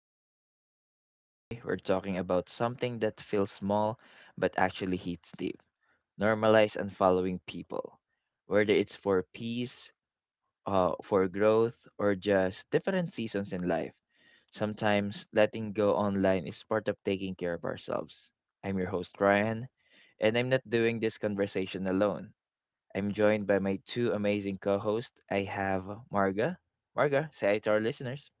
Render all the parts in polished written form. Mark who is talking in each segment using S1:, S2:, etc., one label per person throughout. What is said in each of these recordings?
S1: back to the podcast. Today we're talking about something that feels small but actually hits deep. Normalize and following people, whether it's for peace, for growth, or just different seasons in life. Sometimes letting go online is part of taking care of ourselves. I'm your host Ryan, and I'm not doing this conversation alone. I'm joined by my two amazing co-hosts. I have Marga. Marga, say hi to our listeners.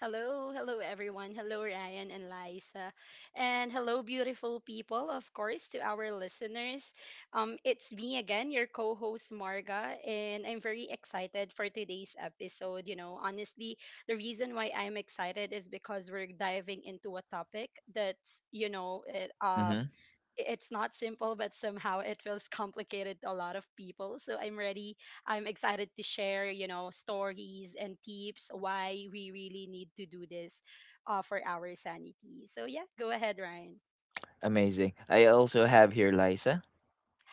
S2: Hello, hello everyone. Hello Ryan and Liza. And hello beautiful people, of course, to our listeners. It's me again, your co-host Marga, and I'm very excited for today's episode. Honestly, the reason why I'm excited is because we're diving into a topic that's, it, it's not simple, but somehow it feels complicated to a lot of people. So I'm ready. I'm excited to share, you know, stories and tips why we really need to do this for our sanity. So yeah, go ahead, Ryan.
S1: Amazing. I also have here Liza.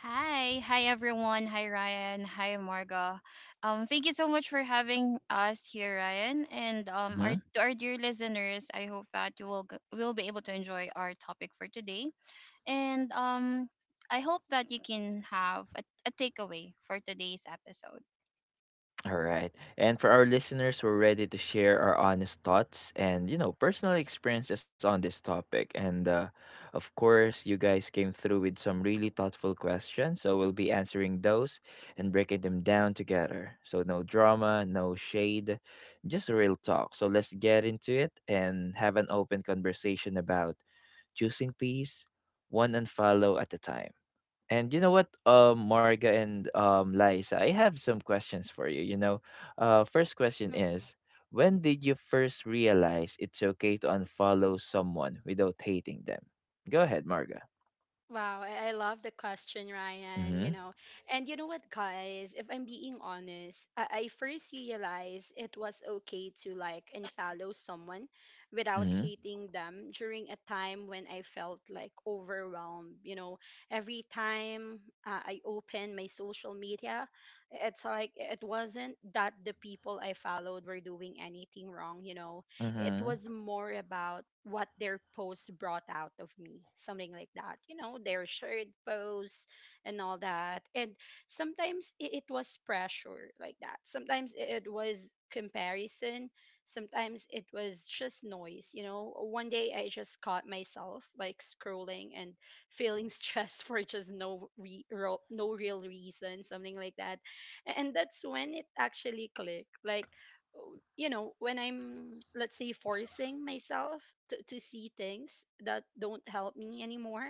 S3: Hi everyone. Hi, Ryan. Hi, Marga. Thank you so much for having us here, Ryan, and our
S1: Mhm.
S3: to our dear listeners. I hope that you will will be able to enjoy our topic for today, and I hope that you can have a takeaway for today's episode.
S1: All right. And for our listeners, we're ready to share our honest thoughts and, you know, personal experiences on this topic. And of course, you guys came through with some really thoughtful questions, so we'll be answering those and breaking them down together. So no drama, no shade, just real talk. So let's get into it and have an open conversation about choosing peace, one unfollow at a time. And you know what, Marga and Liza, I have some questions for you. You know, first question is, when did you first realize it's okay to unfollow someone without hating them? Go ahead, Marga.
S2: Wow, I love the question, Ryan. You
S1: Mm-hmm.
S2: know, and you know what, guys? If I'm being honest, I first realized it was okay to like unfollow someone without
S1: Mm-hmm.
S2: hating them during a time when I felt like overwhelmed. You know, every time I opened my social media, it's like it wasn't that the people I followed were doing anything wrong. You know, it
S1: Mm-hmm.
S2: was more about what their posts brought out of me, something like that. You know, their shared posts and all that. And sometimes it was pressure like that. Sometimes it was comparison. Sometimes it was just noise. You know, one day I just caught myself like scrolling and feeling stressed for just no no real reason, something like that. And that's when it actually clicked. Like oh, you know when I'm let's say forcing myself to see things that don't help me anymore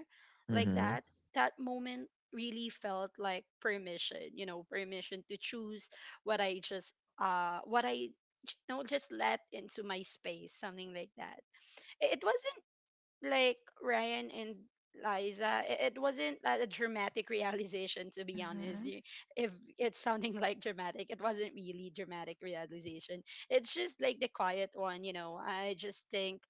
S2: like
S1: Mm-hmm.
S2: that, that moment really felt like permission, you know, permission to choose what I just what I, you know, just let into my space, something like that. It wasn't like Ryan and Liza, it wasn't a dramatic realization, to be honest.
S3: Mhm.
S2: If it's sounding like dramatic, it wasn't really dramatic realization. It's just like the quiet one, you know.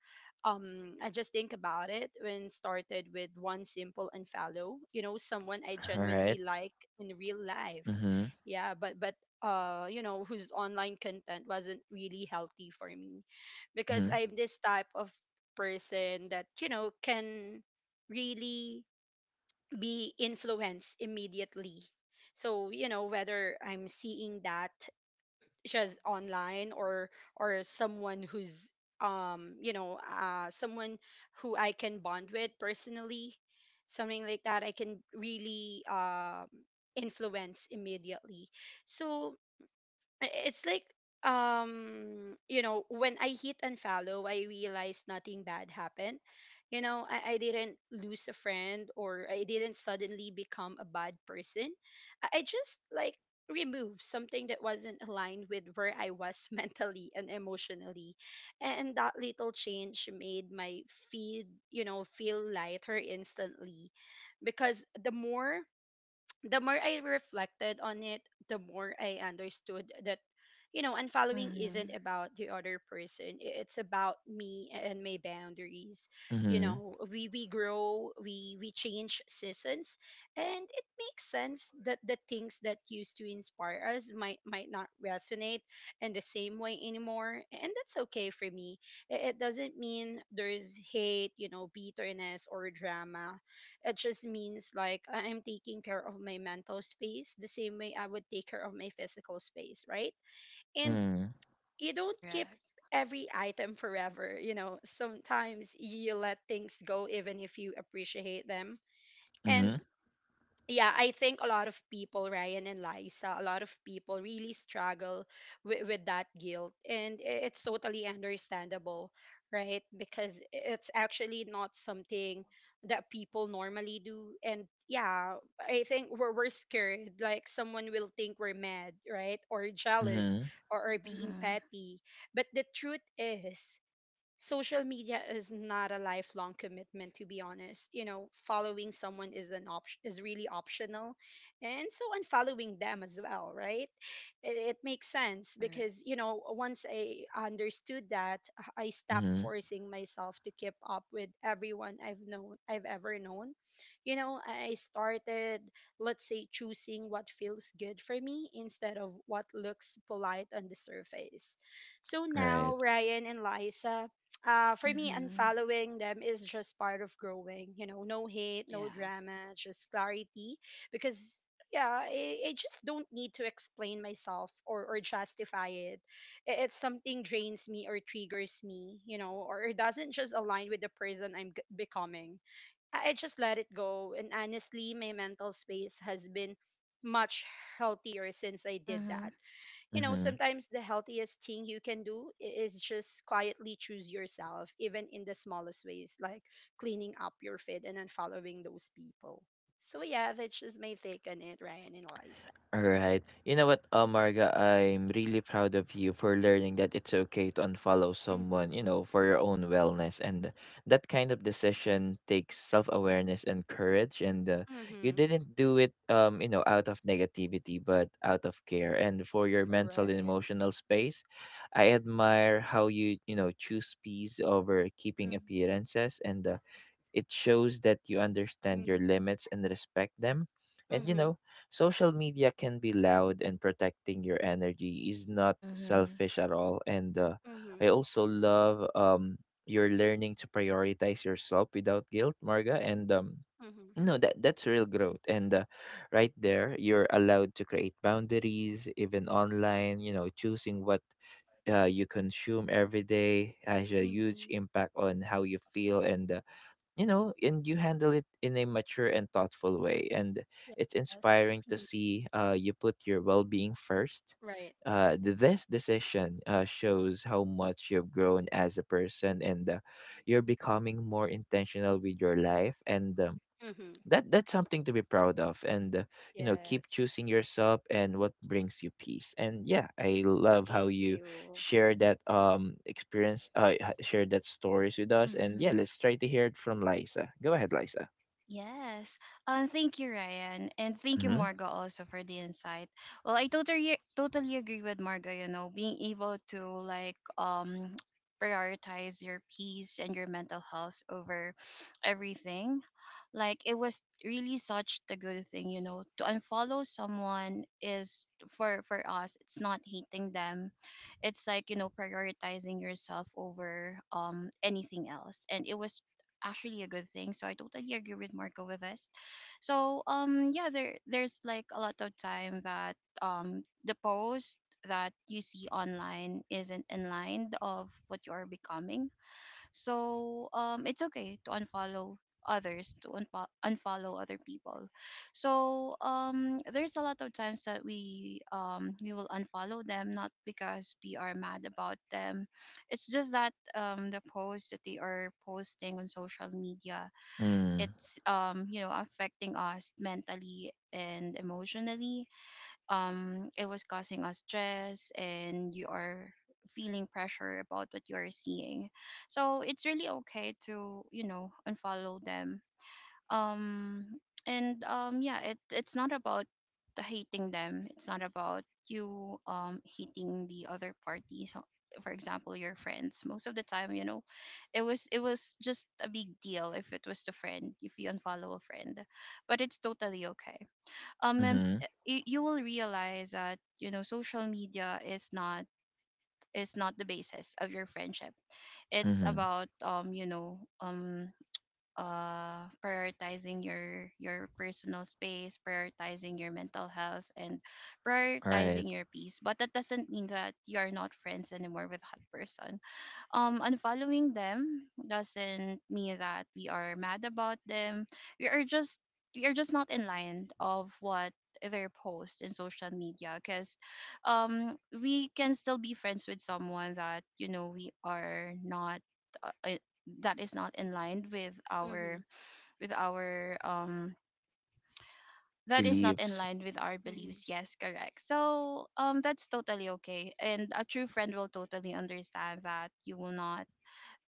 S2: I just think about it when started with one simple unfollow, you know, someone I
S1: All
S2: genuinely
S1: right.
S2: like in real life.
S1: Mm-hmm.
S2: Yeah, but you know, whose online content wasn't really healthy for me because
S1: Mm-hmm.
S2: I'm this type of person that you know can really be influenced immediately, so you know whether I'm seeing that just online or someone who's you know someone who I can bond with personally, something like that, I can really influence immediately. So it's like you know when I hit and follow I realized nothing bad happened. You know, I didn't lose a friend or I didn't suddenly become a bad person. I, just like removed something that wasn't aligned with where I was mentally and emotionally, and that little change made my feed, you know, feel lighter instantly. Because the more I reflected on it, the more I understood that, you know, unfollowing isn't
S3: Mhm.
S2: about the other person. It's about me and my boundaries. You
S1: Mm-hmm.
S2: know, we grow, we change seasons, and it makes sense that the things that used to inspire us might not resonate in the same way anymore. And that's okay for me. It doesn't mean there's hate, you know, bitterness or drama. It just means like I'm taking care of my mental space the same way I would take care of my physical space, right? And you don't keep
S3: Correct.
S2: every item forever, you know. Sometimes you let things go even if you appreciate them.
S1: Mm-hmm.
S2: And yeah, I think a lot of people, Ryan and Liza, a lot of people really struggle with that guilt. And it's totally understandable, right? Because it's actually not something that people normally do. And yeah, I think we're scared. Like someone will think we're mad, right? Or jealous,
S1: Mm-hmm.
S2: or being
S3: Mhm.
S2: petty. But the truth is, social media is not a lifelong commitment, to be honest. You know, following someone is an option, is really optional, and so unfollowing them as well, right? It makes sense
S3: Correct.
S2: because you know once I understood that, I stopped
S1: Mm-hmm.
S2: forcing myself to keep up with everyone I've ever known. You know, I started let's say choosing what feels good for me instead of what looks polite on the surface. So
S1: Right.
S2: now Ryan and Liza, for me,
S3: Mhm.
S2: unfollowing them is just part of growing. You know, no hate, no
S3: Yeah.
S2: drama, just clarity. Because yeah, I just don't need to explain myself or justify it. It's something drains me or triggers me, you know, or it doesn't just align with the person I'm becoming. I just let it go. And honestly, my mental space has been much healthier since I did
S3: Mhm.
S2: that. You know,
S1: Mm-hmm.
S2: sometimes the healthiest thing you can do is just quietly choose yourself, even in the smallest ways, like cleaning up your feed and unfollowing those people. So yeah, that's just my take on it, Ryan and Liza.
S1: All right. You know what, Marga, I'm really proud of you for learning that it's okay to unfollow someone, you
S2: Mm-hmm.
S1: know, for your own wellness. And that kind of decision takes self awareness and courage. And you
S2: Mm-hmm.
S1: didn't do it, you know, out of negativity, but out of care. And for your mental and
S2: Correct.
S1: emotional space, I admire how you, you know, choose peace over keeping
S2: Mm-hmm.
S1: appearances. And it shows that you understand your limits and respect them. And you
S2: Mm-hmm.
S1: know, social media can be loud, and protecting your energy is not
S3: Mhm.
S1: selfish at all. And
S2: Mm-hmm.
S1: I also love you're learning to prioritize yourself without guilt, Marga. And
S2: Mm-hmm.
S1: no, that's real growth. And right there, you're allowed to create boundaries, even online. You know, choosing what you consume every day has a huge
S2: Mm-hmm.
S1: impact on how you feel, and you know, and you handle it in a mature and thoughtful way, and it's
S2: Yes.
S1: inspiring to see you put your well-being first.
S2: Right.
S1: This decision shows how much you've grown as a person, and you're becoming more intentional with your life, and
S2: Mm-hmm.
S1: that's something to be proud of. And you know, keep
S2: Yes.
S1: choosing yourself and what brings you peace. And yeah, I love how
S2: Thank
S1: you
S2: you.
S1: share that experience, share that stories with us. And yeah,
S3: Mhm.
S1: let's try to hear it from Liza. Go ahead, Liza.
S3: Yes. Thank you, Ryan. And thank you,
S1: Mm-hmm.
S3: Margo, also for the insight. Well, I totally agree with Margo, being able to like prioritize your peace and your mental health over everything. Like it was really such the good thing, to unfollow someone is for us, it's not hating them. It's like, prioritizing yourself over anything else. And it was actually a good thing. So I totally agree with Marco with this. So yeah, there's like a lot of time that the post that you see online isn't in line of what you are becoming so it's okay to unfollow others, to unpo unfollow other people. So there's a lot of times that we will unfollow them not because we are mad about them. It's just that the posts that they are posting on social media,
S1: mm,
S3: it's affecting us mentally and emotionally, it was causing us stress and you are feeling pressure about what you are seeing, so it's really okay to unfollow them, um and yeah, it's not about the hating them. It's not about you hating the other party. So for example, your friends, most of the time, it was just a big deal if it was the friend, if you unfollow a friend, but it's totally okay, um and,
S1: mm-hmm.
S3: uh, y- you will realize that social media is not the basis of your friendship. It's
S1: Mm-hmm.
S3: about prioritizing your personal space, prioritizing your mental health, and
S1: All right.
S3: prioritizing your peace. But that doesn't mean that you are not friends anymore with that person. Unfollowing them doesn't mean that we are mad about them. We are just we are just not in line of what their post in social media, because we can still be friends with someone that, we are not uh, uh, that is not in line
S2: Mm-hmm.
S3: with our that is not in
S1: Beliefs.
S3: line with our
S2: Mm-hmm.
S3: beliefs. Yes, correct. So that's totally okay, and a true friend will totally understand that you will not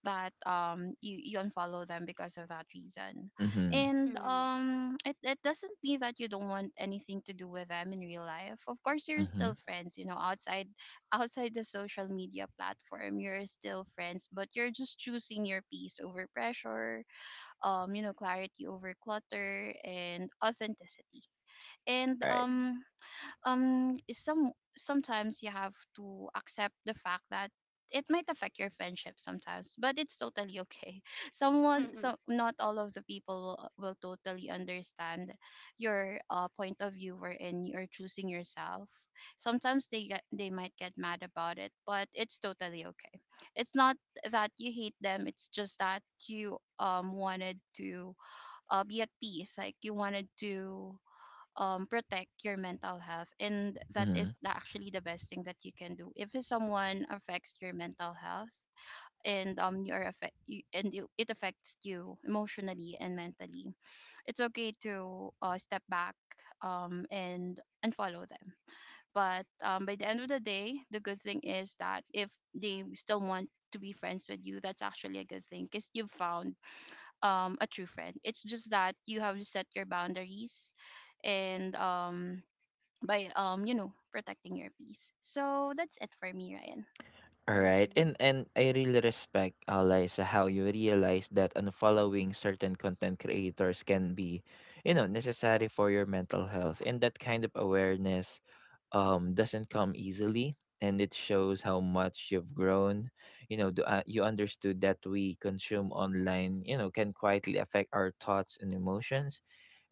S3: that you unfollow them because of that reason.
S1: Mm-hmm.
S3: And it doesn't mean that you don't want anything to do with them in real life. Of course, you're still
S1: Mm-hmm.
S3: friends, outside the social media platform. You're still friends, but you're just choosing your peace over pressure, clarity over clutter and authenticity. And
S1: All right.
S2: Mm-hmm.
S3: is some sometimes you have to accept the fact that it might affect your friendship sometimes, but it's totally okay. Someone,
S2: Mm-hmm.
S3: so not all of the people will totally understand your point of view wherein you're choosing yourself. Sometimes they might get mad about it, but it's totally okay. It's not that you hate them. It's just that you wanted to be at peace. Like you wanted to protect your mental health, and that is
S1: Mm-hmm.
S3: the, actually the best thing that you can do. If someone affects your mental health, and you're affect you, and you, it affects you emotionally and mentally, it's okay to step back, and follow them. But by the end of the day, the good thing is that if they still want to be friends with you, that's actually a good thing, because you've found, a true friend. It's just that you have set your boundaries and by you know protecting your peace. So that's it for me, Ryan.
S1: Alright,
S2: Mhm.
S1: and I really respect, Liza, how you realize that unfollowing certain content creators can be, you know, necessary for your mental health. And that kind of awareness doesn't come easily, and it shows how much you've grown. You know, the, you understood that we consume online, you know, can quietly affect our thoughts and emotions.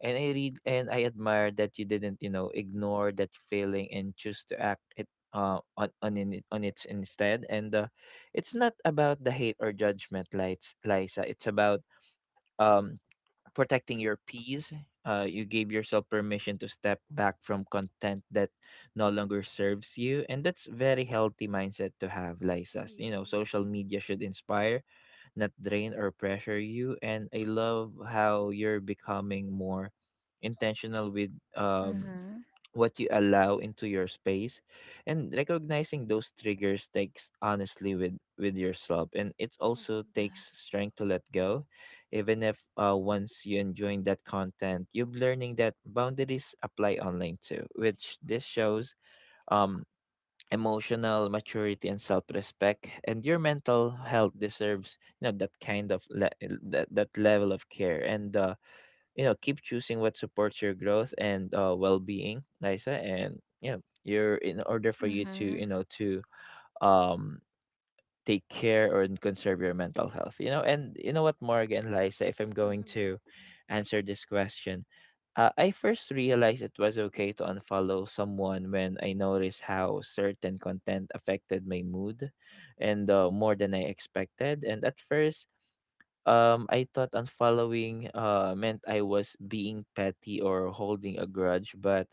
S1: And I read and I admire that you didn't, you know, ignore that feeling and choose to act it on it instead. And it's not about the hate or judgment lights, Liza. It's about um protecting your peace. You gave yourself permission to step back from content that no longer serves you, and that's very healthy mindset to have, Liza. You know,
S2: Mhm.
S1: social media should inspire, not drain or pressure you. And I love how you're becoming more intentional with
S3: Mm-hmm.
S1: what you allow into your space, and recognizing those triggers takes honestly with yourself. And it also
S2: Mhm.
S3: Yeah.
S1: takes strength to let go, even if once you enjoying that content. You're learning that boundaries apply online too, which this shows um emotional maturity and self-respect, and your mental health deserves, you know, that kind of le- that, that level of care. And you know, keep choosing what supports your growth and well-being, Lisa. And yeah, you're in order for you to,
S3: Mm-hmm.
S1: you know, to um take care or and conserve your mental health, you know. And you know what, Morgan, Lisa, if I'm going
S2: Mhm.
S1: to answer this question, I first realized it was okay to unfollow someone when I noticed how certain content affected my mood, and more than I expected. And at first, I thought unfollowing meant I was being petty or holding a grudge, but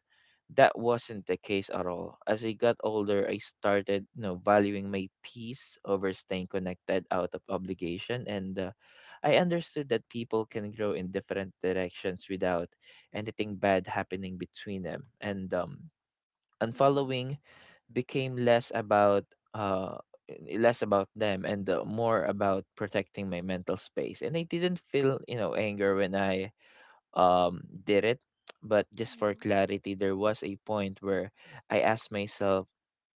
S1: that wasn't the case at all. As I got older, I started, you know, valuing my peace over staying connected out of obligation, and I understood that people can grow in different directions without anything bad happening between them. And
S2: Mhm.
S1: unfollowing became less about uh less about them, and more about protecting my mental space. And I didn't feel, you know, anger when I did it, but just for
S2: Mhm.
S1: clarity, there was a point where I asked myself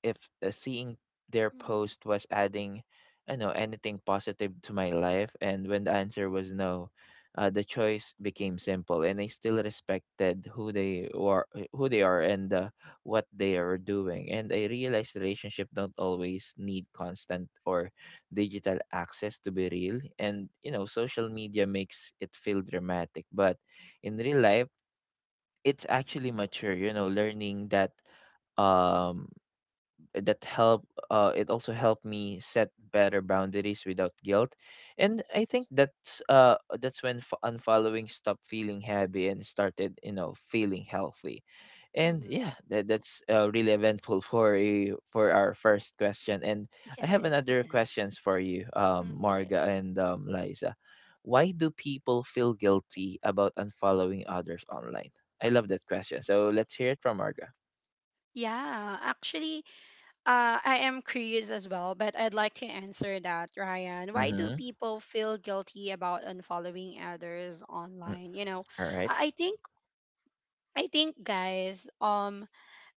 S1: if seeing their
S2: Mhm.
S1: post was adding, I know, anything positive to my life. And when the answer was no, the choice became simple. And I still respected who they were, who they are, and what they are doing. And I realized relationship don't always need constant or digital access to be real. And you know, social media makes it feel dramatic, but in real life it's actually mature. You know, learning that um help, it also helped me set better boundaries without guilt. And I think that's that's when unfollowing stopped feeling heavy and started, you know, feeling healthy. And
S2: Mhm.
S1: yeah, that's really eventful for you for our first question. And
S2: Yeah,
S1: I have
S2: yeah.
S1: another
S3: Yes.
S1: questions for you,
S2: Mhm.
S1: Marga and Liza. Why do people feel guilty about unfollowing others online? I love that question, so let's hear it from Marga.
S2: Yeah, actually, I am curious as well, but I'd like to answer that, Ryan. Why do
S1: Mm-hmm.
S2: people feel guilty about unfollowing others online? You know,
S1: All
S2: I I think I think guys,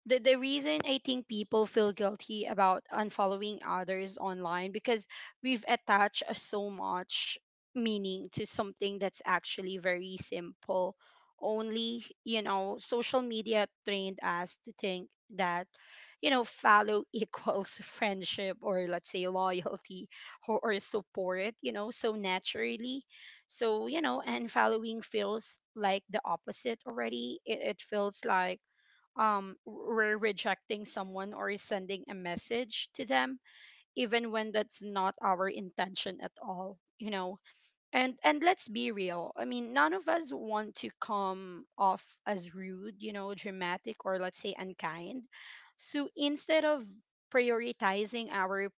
S2: the reason I think people feel guilty about unfollowing others online because we've attached so much meaning to something that's actually very simple. Only, you know, social media trained us to think that, you know, follow equals friendship or let's say loyalty or support, you know, so naturally. So, you know, and following feels like the opposite already. It feels like we're rejecting someone or sending a message to them, even when that's not our intention at all. You know, and let's be real, I mean none of us want to come off as rude, you know, dramatic or let's say unkind. So instead of prioritizing our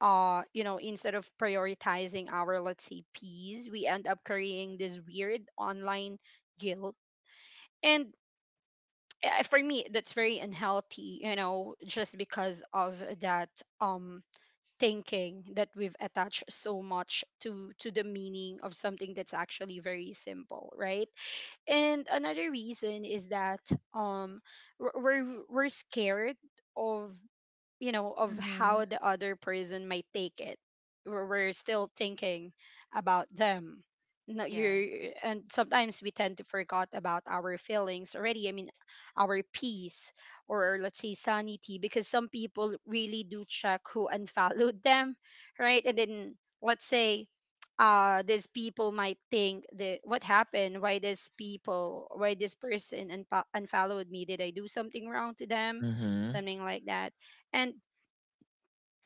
S2: you know, instead of prioritizing our let's say peace, we end up carrying this weird online guilt, and for me that's very unhealthy, you know, just because of that um thinking that we've attached so much to the meaning of something that's actually very simple, right? And another reason is that um we're scared of you know of
S3: Mm-hmm.
S2: how the other person might take it. We're still thinking about them. No, you're
S3: Yes.
S2: and sometimes we tend to forget about our feelings already. I mean our peace or let's say sanity, because some people really do check who unfollowed them, right? And then let's say these people might think that what happened, why this people, why this person unfollowed me, did I do something wrong to them,
S1: right.
S2: something like that. And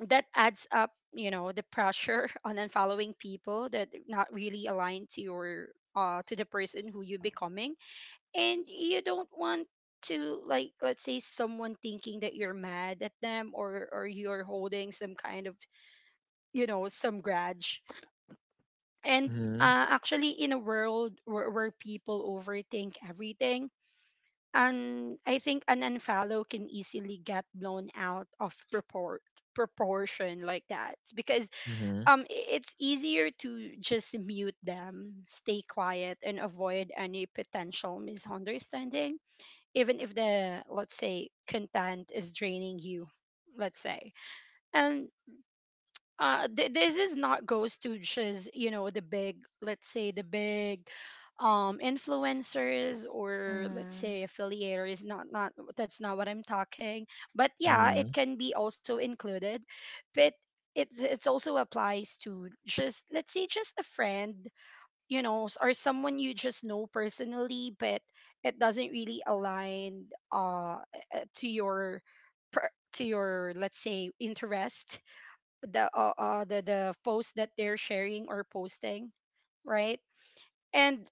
S2: that adds up, you know, the pressure on unfollowing people that not really aligned to your to the person who you becoming. And you don't want to like let's say someone thinking that you're mad at them or you're holding some kind of you know some grudge. And
S1: Mhm,
S2: actually in a world where people overthink everything, and I think an unfollow can easily get blown out of proportion like that, because
S1: mhm,
S2: it's easier to just mute them, stay quiet and avoid any potential misunderstanding, even if the let's say content is draining you, let's say. And this is not goes to just you know the big let's say the big influencers or let's
S3: Mm-hmm.
S2: say affiliators, not not that's not what I'm talking, but yeah it
S1: mhm,
S2: can be also included, but it's also applies to just let's say just a friend, you know, or someone you just know personally but it doesn't really align uh to your to your let's say interest, the post that they're sharing or posting, right? And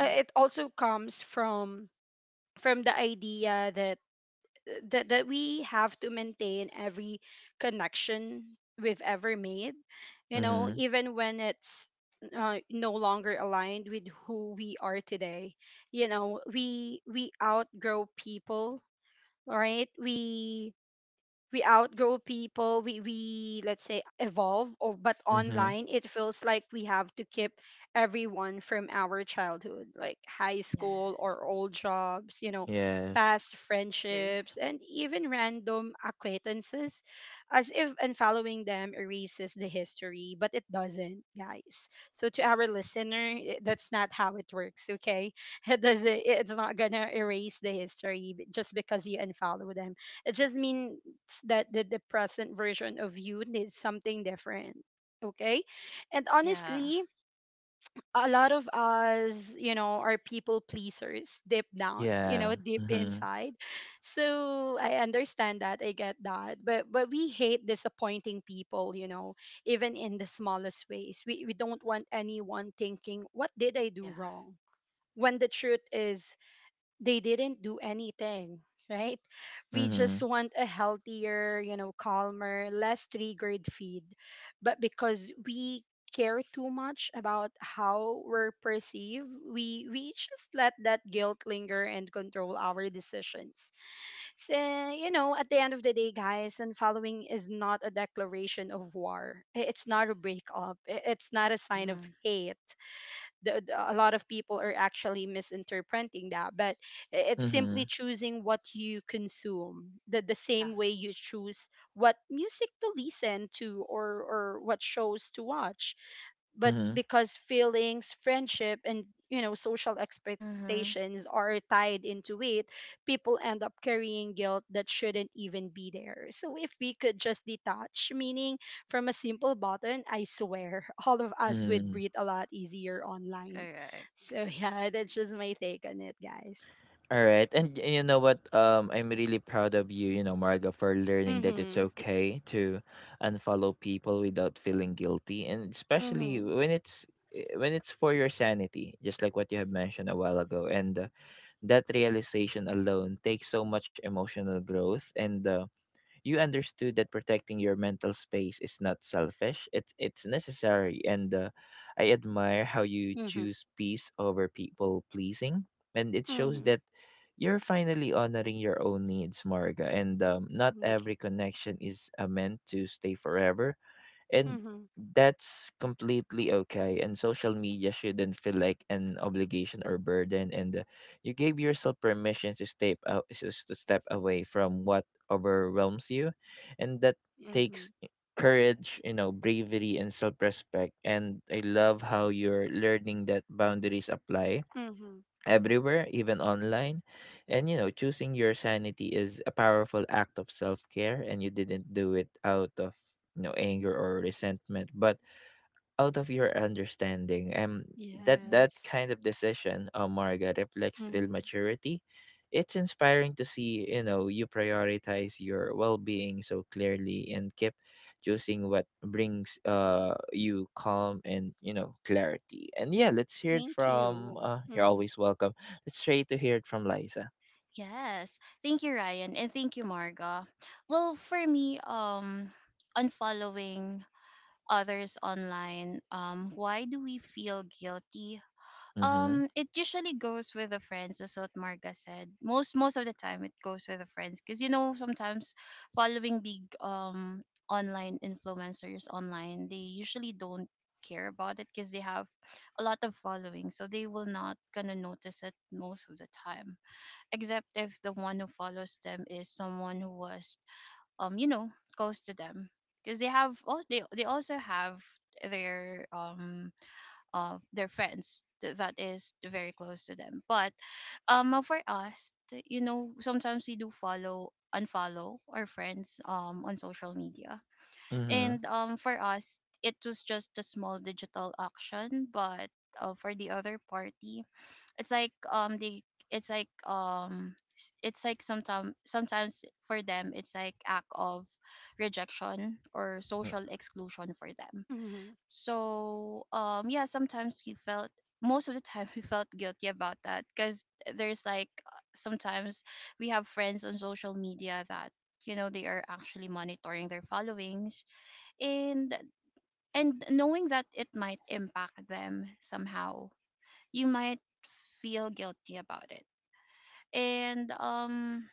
S2: it also comes from the idea that that we have to maintain every connection we've ever made, you know,
S1: mhm,
S2: even when it's no longer aligned with who we are today. You know, we outgrow people, right? We outgrow people, we let's say evolve or but
S1: mhm.
S2: online it feels like we have to keep everyone from our childhood, like high school
S3: Yes,
S2: or old jobs, you know,
S1: Yes.
S2: past
S3: agree.
S2: friendships and even random acquaintances, as if unfollowing them erases the history. But it doesn't, guys. So to our listener, that's not how it works, okay? It doesn't, it's not gonna erase the history just because you unfollow them. It just means that the present version of you needs something different. Okay. And
S3: Yeah,
S2: honestly, a lot of us, you know, are people pleasers deep down, you know,
S1: Yeah.
S2: deep
S1: Mhm,
S2: inside. So I understand that. I get that. But we hate disappointing people, you know, even in the smallest ways. We don't want anyone thinking, what did I do
S3: yeah.
S2: wrong? When the truth is, they didn't do anything. Right, we just
S1: mhm,
S2: want a healthier, calmer, less triggered feed. But because we care too much about how we're perceived, we just let that guilt linger and control our decisions. So, you know, at the end of the day, guys, unfollowing is not a declaration of war. It's not a breakup. It's not a sign of
S3: Mm-hmm.
S2: hate. A lot of people are actually misinterpreting that, but it's simply
S1: mhm,
S2: choosing what you consume, the
S3: Yeah.
S2: same way you choose what music to listen to, or what shows to watch. But
S1: mhm,
S2: because feelings, friendship, and, social
S3: Mm-hmm.
S2: expectations are tied into it, people end up carrying guilt that shouldn't even be there. So if we could just detach meaning from a simple button, I swear all of us would
S1: mhm.
S2: breathe a lot easier online.
S3: Correct.
S2: So yeah, that's just my take on it, guys.
S1: All right. And you know what? I'm really proud of you, you know, Marga, for learning that it's
S2: Mhm.
S1: okay to unfollow people without feeling guilty, and especially
S2: Mhm.
S1: when it's when it's for your sanity, just like what you have mentioned a while ago. And that realization alone takes so much emotional growth. And you understood that protecting your mental space is not selfish; it's necessary. And I admire how you
S2: Mhm.
S1: choose peace over people pleasing, and it shows
S2: Mhm.
S1: that you're finally honoring your own needs, Marga. And not
S2: Thank you.
S1: every connection is meant to stay forever, and
S2: Mhm.
S1: that's completely okay. And social media shouldn't feel like an obligation or burden, and you gave yourself permission to step out, just to step away from what overwhelms you, and that
S2: Mhm.
S1: takes courage, you know, bravery and self-respect. And I love how you're learning that boundaries apply
S2: Mhm.
S1: everywhere, even online. And you know, choosing your sanity is a powerful act of self care, and you didn't do it out of, you know, anger or resentment, but out of your understanding. That that
S2: Yes.
S1: kind of decision, oh Marga, reflects real
S2: Mhm.
S1: maturity. It's inspiring to see, you know, you prioritize your well-being so clearly, and keep choosing what brings you calm and, you know, clarity. And yeah, let's hear it
S2: Thank
S1: from.
S2: you.
S1: You're
S2: Mhm.
S1: always welcome. Let's try to hear it from Liza.
S3: Yes. Thank you, Ryan, and thank you, Marga. Well, for me, unfollowing others online, why do we feel guilty?
S1: Mm-hmm.
S3: It usually goes with the friends, as what Marga said. Most of the time, it goes with the friends, because sometimes following big online influencers online, they usually don't care about it because they have a lot of following, so they will not gonna notice it most of the time. Except if the one who follows them is someone who was um you know close to them, because they have they also have their of their friends that is very close to them. But for us, sometimes we do follow unfollow our friends on social media.
S1: Mm-hmm.
S3: And for us, it was just a small digital action, but for the other party, it's like they it's like it's like sometimes, sometimes for them it's like act of rejection or social exclusion for them.
S2: Mhm.
S3: So yeah, sometimes you felt, most of the time we felt guilty about that, because there's like sometimes we have friends on social media that, they are actually monitoring their followings, and knowing that it might impact them somehow, you might feel guilty about it. And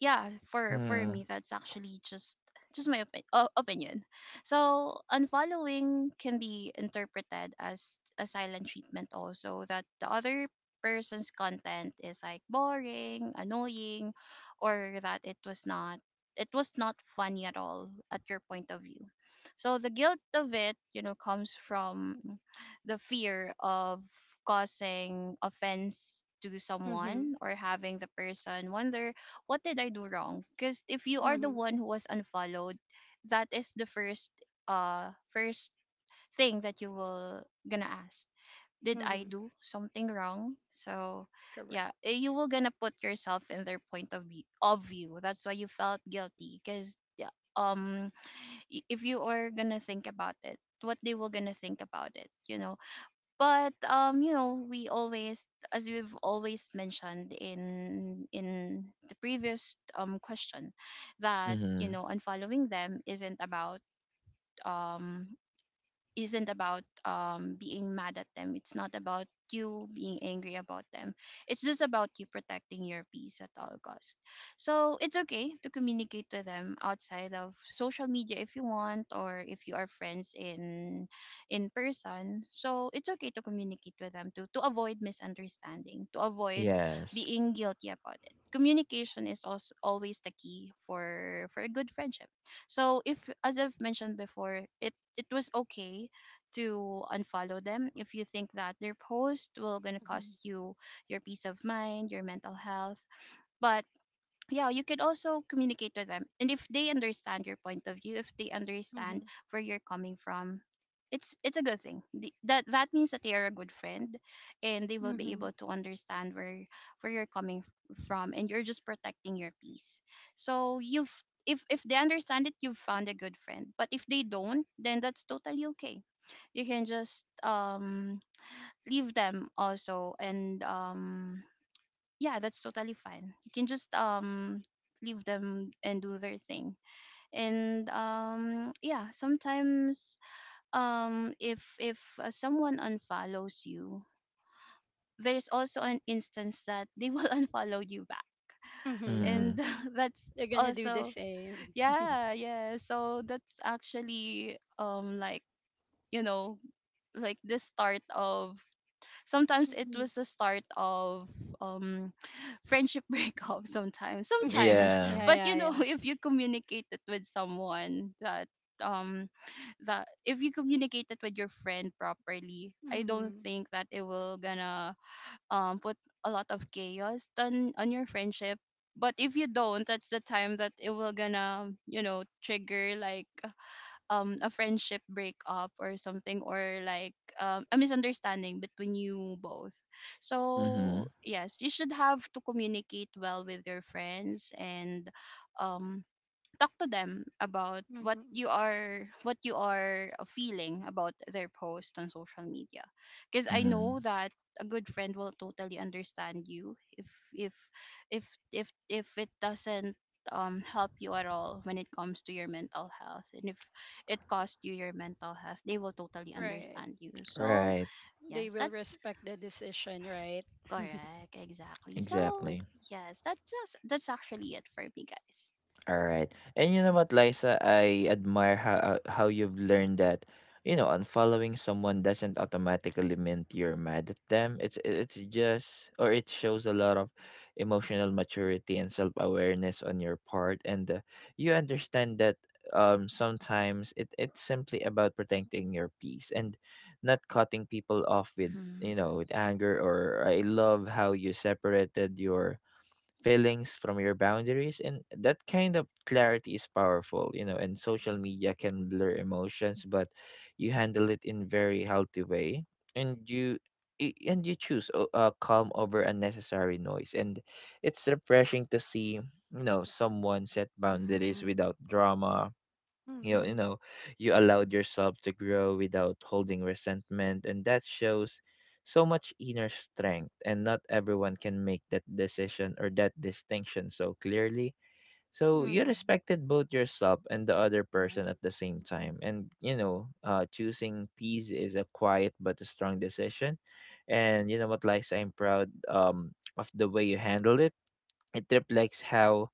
S3: yeah, for
S1: Mm-hmm.
S3: me, that's actually just my opinion. So unfollowing can be interpreted as a silent treatment also, that the other person's content is like boring, annoying, or that it was not funny at all at your point of view. So the guilt of it, comes from the fear of causing offense to someone,
S2: Mhm.
S3: or having the person wonder, what did I do wrong? Because if you are the
S2: Mhm.
S3: one who was unfollowed, that is the first thing that you will gonna ask. Did I
S2: Mhm.
S3: do something wrong? So
S2: Correct.
S3: yeah, you will gonna put yourself in their point of view of view. That's why you felt guilty. 'Cause yeah, if you are gonna think about it, what they will gonna think about it, but we always, as we've always mentioned in the previous question, that,
S1: Mm-hmm.
S3: unfollowing them isn't about, um isn't about, being mad at them. It's not about you being angry about them. It's just about you protecting your peace at all cost. So it's okay to communicate to them outside of social media if you want, or if you are friends in person. So it's okay to communicate with them to avoid misunderstanding, to avoid
S1: Yes.
S3: being guilty about it. Communication is also always the key for a good friendship. So if, as I've mentioned before, it was okay to unfollow them if you think that their post will gonna
S2: Mhm.
S3: cost you your peace of mind, your mental health. But yeah, you could also communicate with them. And if they understand your point of view, if they understand
S2: Mhm.
S3: where you're coming from, it's a good thing. The, that that means that they are a good friend, and they will be
S2: Mhm.
S3: able to understand where you're coming from, and you're just protecting your peace. So you've, if they understand it, you've found a good friend. But if they don't, then that's totally okay. You can just leave them also, and yeah, that's totally fine. You can just leave them and do their thing. And yeah, sometimes if someone unfollows you, there's also an instance that they will unfollow you back.
S2: Mhm.
S3: And
S1: Mm-hmm.
S2: Mhm.
S3: that's
S2: They're gonna do the
S3: also
S2: same.
S3: yeah, yeah. So that's actually like, you know, like the start of, sometimes it
S2: Mhm.
S3: was the start of um friendship breakup sometimes. Sometimes.
S1: Yeah.
S2: Yeah,
S3: But
S2: yeah, yeah.
S3: if you communicate it with someone that um that if you communicate it with your friend properly, I don't
S2: Mhm.
S3: think that it will gonna put a lot of chaos on your friendship. But if you don't, that's the time that it will gonna, trigger like a friendship breakup or something, or like a misunderstanding between you both. So
S1: Mm-hmm.
S3: yes, you should have to communicate well with your friends and um talk to them about what
S2: Mhm.
S3: you are, feeling about their post on social media, because I
S1: Mm-hmm.
S3: know that a good friend will totally understand you. If if if it doesn't help you at all when it comes to your mental health, and if it costs you your mental health, they will totally
S2: Right.
S3: understand you. So
S1: Right.
S2: They
S3: yes,
S2: will
S3: that's
S2: respect the decision, right?
S3: correct, exactly. So
S1: Exactly.
S3: yes, that's actually it for me, guys.
S1: All right. And you know what, Liza, I admire how you've learned that, you know, unfollowing someone doesn't automatically mean you're mad at them. It's just, or it shows a lot of emotional maturity and self-awareness on your part. And you understand that sometimes it's simply about protecting your peace and not cutting people off with,
S3: mhm
S1: you know, with anger. Or I love how you separated your feelings from your boundaries, and that kind of clarity is powerful, you know. And social media can blur emotions, but you handle it in very healthy way. And you choose calm over unnecessary noise. And it's refreshing to see, you know, someone set boundaries
S3: mhm
S1: without drama. You know,
S2: Mhm.
S1: you allowed yourself to grow without holding resentment, and that shows so much inner strength. And not everyone can make that decision or that distinction so clearly, so you
S2: Mhm.
S1: respected both yourself and the other person at the
S3: Yes.
S1: same time. And you know, choosing peace is a quiet but a strong decision. And you know what, Lies, I'm proud of the way you handled it. It reflects how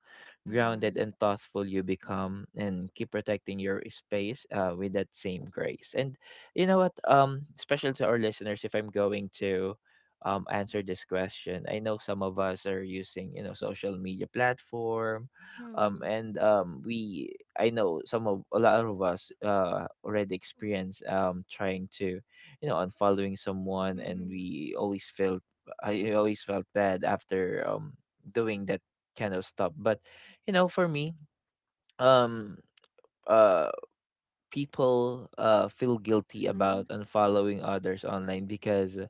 S1: grounded
S3: Mhm.
S1: and thoughtful you become, and keep protecting your space with that same grace. And you know what? Especially to our listeners, if I'm going to answer this question, I know some of us are using, you know, social media platform.
S2: Mhm.
S1: I know a lot of us already experience trying to, you know, unfollowing someone and
S2: Mhm.
S1: we always felt, I always felt bad after doing that kind of stuff. But you know, for me, um uh people feel guilty
S3: Mhm.
S1: about unfollowing others online because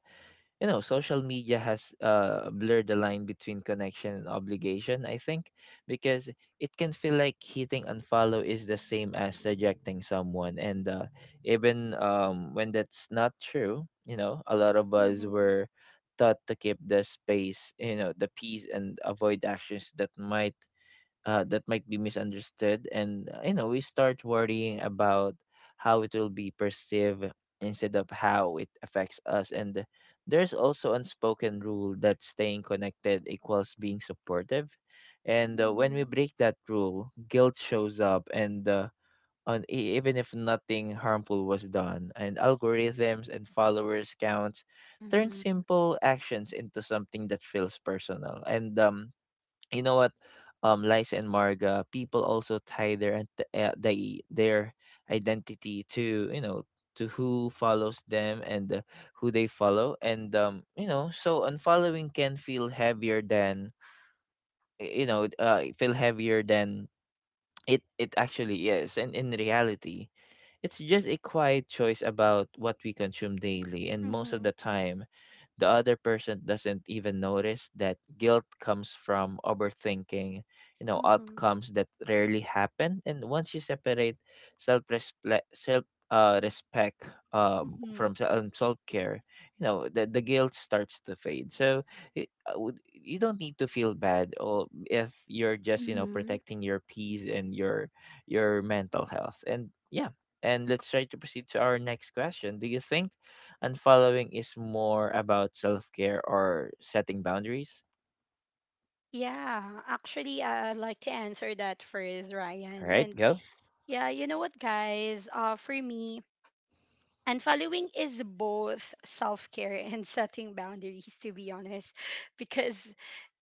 S1: you know, social media has blurred the line between connection and obligation. I think because it can feel like hitting unfollow is the same as rejecting someone, and even when that's not true. You know, a lot of us
S2: Mhm.
S1: were taught to keep the space you know the peace and avoid actions that might be misunderstood, and you know, we start worrying about how it will be perceived instead of how it affects us. And there's also unspoken rule that staying connected equals being supportive, and when we
S2: Mhm.
S1: break that rule guilt shows up, and even if nothing harmful was done. And algorithms and followers counts turn
S3: Mhm.
S1: simple actions into something that feels personal. And you know what, Liza and Marga, people also tie their their identity to, you know, to who follows them and who they follow. And you know, so unfollowing can feel heavier than feel heavier than it actually is. And in reality, it's just a quiet choice about what we consume daily, and most of the
S2: Mhm.
S1: time the other person doesn't even notice. That guilt comes from overthinking, you know,
S2: Mhm.
S1: outcomes that rarely happen. And once you separate self respect
S2: Mhm.
S1: from self care, you know, the guilt starts to fade. It, I would- you don't need to feel bad or if you're just, you know,
S3: Mhm.
S1: protecting your peace and your mental health. And yeah, and let's try to proceed to our next question. Do you think and following is more about self-care or setting boundaries?
S2: Yeah, actually, I'd like to answer that first,
S1: All
S2: Ryan.
S1: right,
S2: And
S1: go.
S2: yeah, you know what, guys? For me, unfollowing is both self care and setting boundaries, to be honest, because,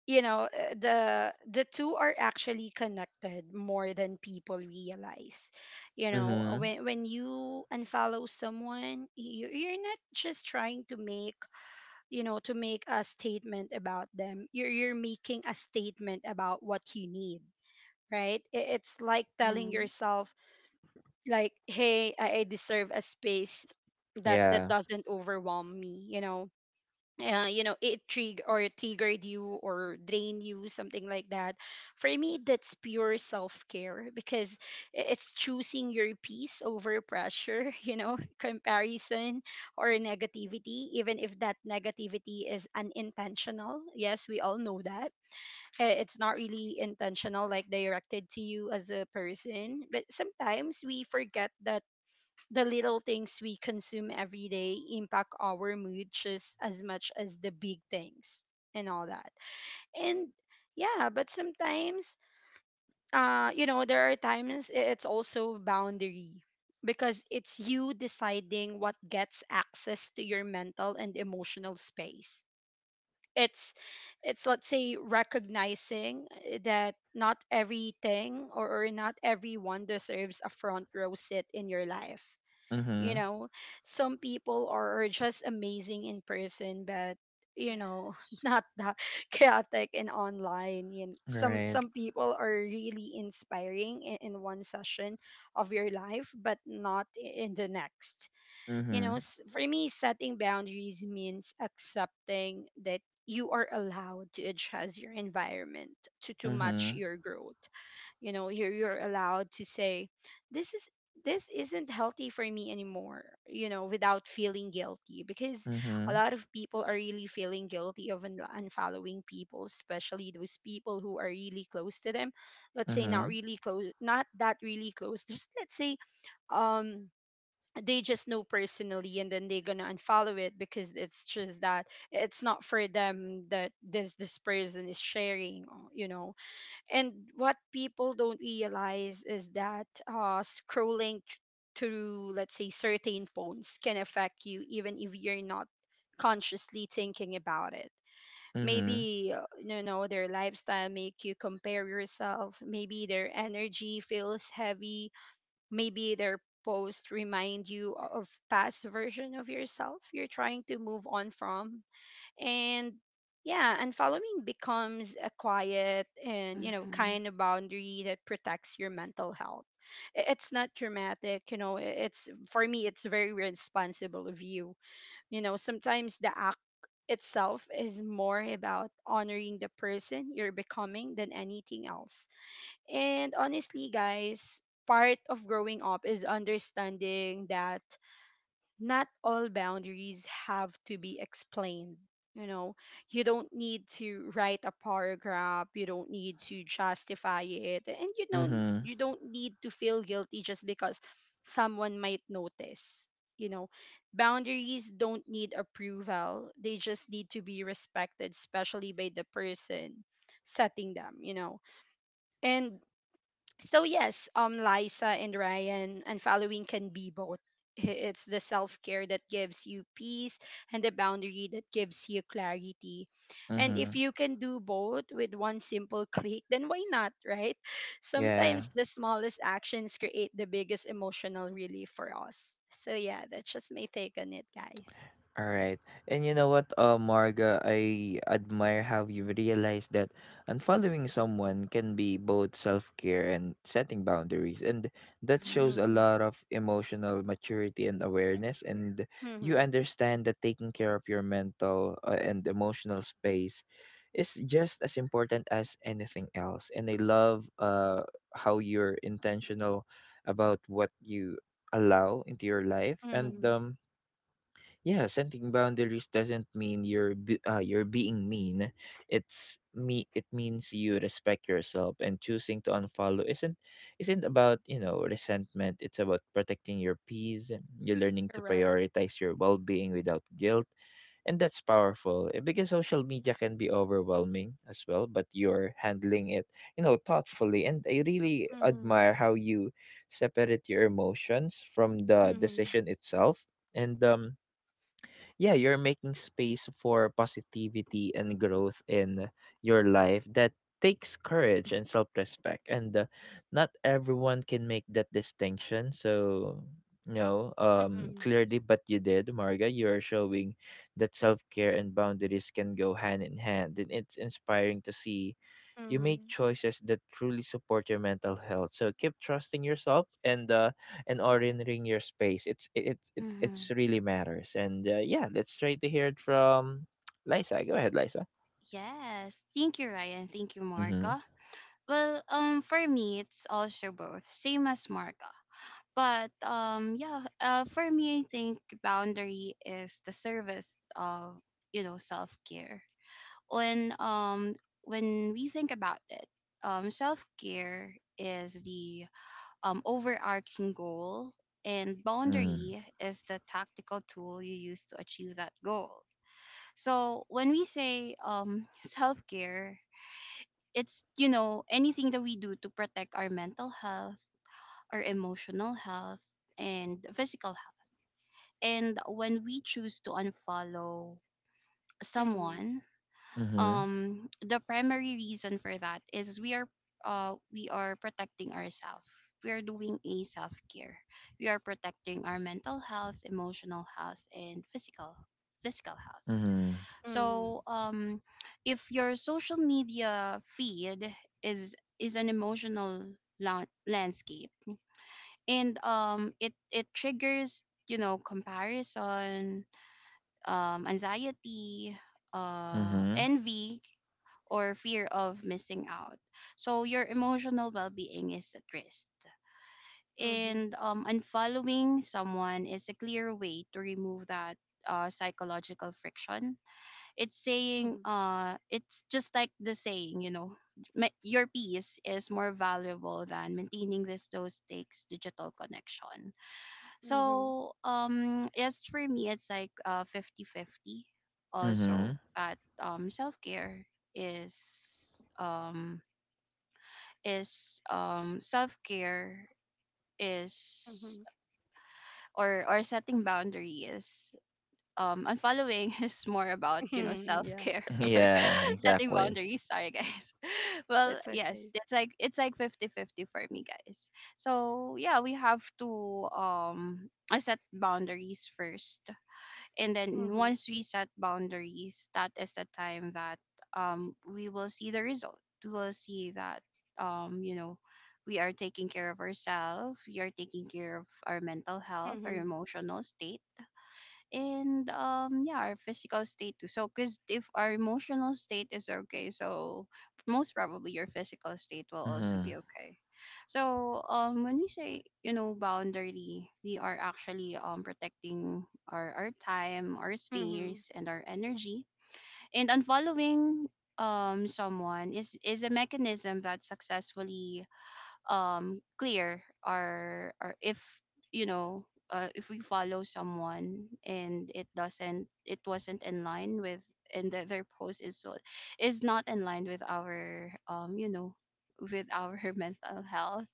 S2: the two are actually connected more than people realize. You know,
S1: Mhm.
S2: when you unfollow someone, you're not just trying to make a statement about them. You're making a statement about what you need. Right? It's like telling
S3: Mhm.
S2: yourself, like, hey, I deserve a space that
S1: Yeah.
S2: doesn't overwhelm me, you know, it trigger or triggered you or drain you, something like that. For me, that's pure self-care because it's choosing your peace over pressure, you know, comparison or negativity, even if that negativity is unintentional. Yes, we all know that, it's not really intentional, like directed to you as a person, but sometimes we forget that the little things we consume every day impact our mood just as much as the big things and all that. And yeah, but sometimes, you know, there are times it's also boundary because it's you deciding what gets access to your mental and emotional space. It's it's let's say recognizing, that not everything, or not everyone deserves a front row seat in your life. You
S1: Mhm.
S2: know, some people are just amazing in person, but, you know,
S3: Yes.
S2: not that chaotic. And online, you know,
S1: All
S2: some
S1: right.
S3: Correct.
S2: some people are really inspiring in one session of your life but not in the next, you know.
S1: Mhm.
S2: For me, setting boundaries means accepting that you are allowed to adjust your environment to match
S1: Mhm.
S2: your growth. You know, you're allowed to say, this is this isn't healthy for me anymore, you know, without feeling guilty, because a
S1: Mhm.
S2: lot of people are really feeling guilty of unfollowing people, especially those people who are really close to them. Let's say not
S1: Mhm.
S2: really close, not that really close, just, let's say, um they just know personally, and then they're gonna unfollow it because it's just that it's not for them that this person is sharing, you know. And what people don't realize is that scrolling through let's say certain posts can affect you even if you're not consciously thinking about it.
S1: Mhm.
S2: Maybe, you know, their lifestyle make you compare yourself. Maybe their energy feels heavy. Maybe their post remind you of past version of yourself you're trying to move on from. And yeah, and following becomes a quiet and,
S3: Mhm.
S2: kind of boundary that protects your mental health. It's not dramatic, you know. I- it's for me, it's very responsible of you. You know, sometimes the act itself is more about honoring the person you're becoming than anything else. And honestly, guys, part of growing up is understanding that not all boundaries have to be explained. You know, you don't need to write a paragraph, you don't need to justify it, and you don't
S1: Mhm.
S2: you don't need to feel guilty just because someone might notice. You know, boundaries don't need approval. They just need to be respected, especially by the person setting them, you know. And so yes, Liza and Ryan, and following can be both. It's the self care that gives you peace, and the boundary that gives you clarity. And if
S1: Mhm.
S2: you can do both with one simple click, then why not, right?
S1: Yeah.
S2: Sometimes the smallest actions create the biggest emotional relief for us. So yeah, that's just my take on it, guys.
S1: All right. And you know what, Marga, I admire how you realize that unfollowing someone can be both self care and setting boundaries. And that
S3: Mhm.
S1: shows a
S2: Mm-hmm.
S1: lot of emotional maturity and awareness. And you
S2: Mm-hmm.
S1: understand that taking care of your mental and emotional space is just as important as anything else. And I love how you're intentional about what you allow into your life. And,
S2: Mm-hmm.
S1: yeah, setting boundaries doesn't mean you're being mean, it means you respect yourself, and choosing to unfollow isn't about, you know, resentment. It's about protecting your peace. You're learning to
S2: Correct.
S1: prioritize your well-being without guilt, and that's powerful, eh, because social media can be overwhelming as well, but you're handling it, you know, thoughtfully, and I really
S2: Mm-hmm.
S1: admire how you separate your emotions from the
S2: Mm-hmm.
S1: decision itself. And yeah, you're making space for positivity and growth in your life. That takes courage and self-respect, and not everyone can make that distinction so no
S2: Mm-hmm.
S1: clearly, but you did, Marga. You're showing that self-care and boundaries can go hand in hand, and it's inspiring to see you make
S2: Mm-hmm.
S1: choices that truly support your mental health. So keep trusting yourself and ordering your space. It's
S3: Mhm.
S1: really matters. And yeah, let's try to hear it from Liza. Go ahead, Liza.
S3: Yes. Thank you, Ryan. Thank you,
S1: Mhm.
S3: Marga. Well, for me, it's also both, same as Marga. But yeah. For me, I think boundary is the service of, self care. When um, when we think about it, self care is the overarching goal, and
S1: Mm.
S3: boundary is the tactical tool you use to achieve that goal. So when we say self care, it's, anything that we do to protect our mental health, our emotional health, and physical health. And when we choose to unfollow someone,
S1: Mhm.
S3: the primary reason for that is we are, we are protecting ourselves. We are doing a self care. We are protecting our mental health, emotional health, and physical health.
S1: Mhm.
S2: Mm-hmm.
S3: So if your social media feed is an emotional landscape, and it triggers, you know, comparison, anxiety,
S1: Mhm.
S3: envy, or fear of missing out, so your emotional well-being is at risk.
S2: Mm-hmm.
S3: And unfollowing someone is a clear way to remove that psychological friction. It's saying,
S2: Mhm.
S3: it's just like the saying, you know, your peace is more valuable than maintaining this low stakes digital connection."
S2: Mhm.
S3: So yes, for me it's like fifty fifty also,
S1: Mhm.
S3: that is um self-care is,
S2: Mhm.
S3: or setting boundaries. Unfollowing is more about, you know,
S2: Mhm. Yeah,
S3: self-care or
S1: Yeah,
S3: setting
S1: exactly.
S3: boundaries. Sorry, guys. Well,
S2: that's
S3: yes,
S2: okay.
S3: it's like fifty fifty for me, guys. So yeah, we have to set boundaries first, and then
S2: Mhm.
S3: once we set boundaries, that is the time that we will see the result. We will see that, you know, we are taking care of ourselves. We are taking care of our mental health, our
S2: Mhm.
S3: emotional state, and yeah, our physical state too. So because if our emotional state is okay, so most probably your physical state will also
S1: Mhm.
S3: be okay. So when we say, you know, boundary, we are actually protecting our time, our
S2: Mhm.
S3: space, and our energy. And unfollowing someone is a mechanism that successfully clear, or, if you know, if we follow someone and it doesn't, it wasn't in line with, and their post is so is not in line with our, you know, with our mental health,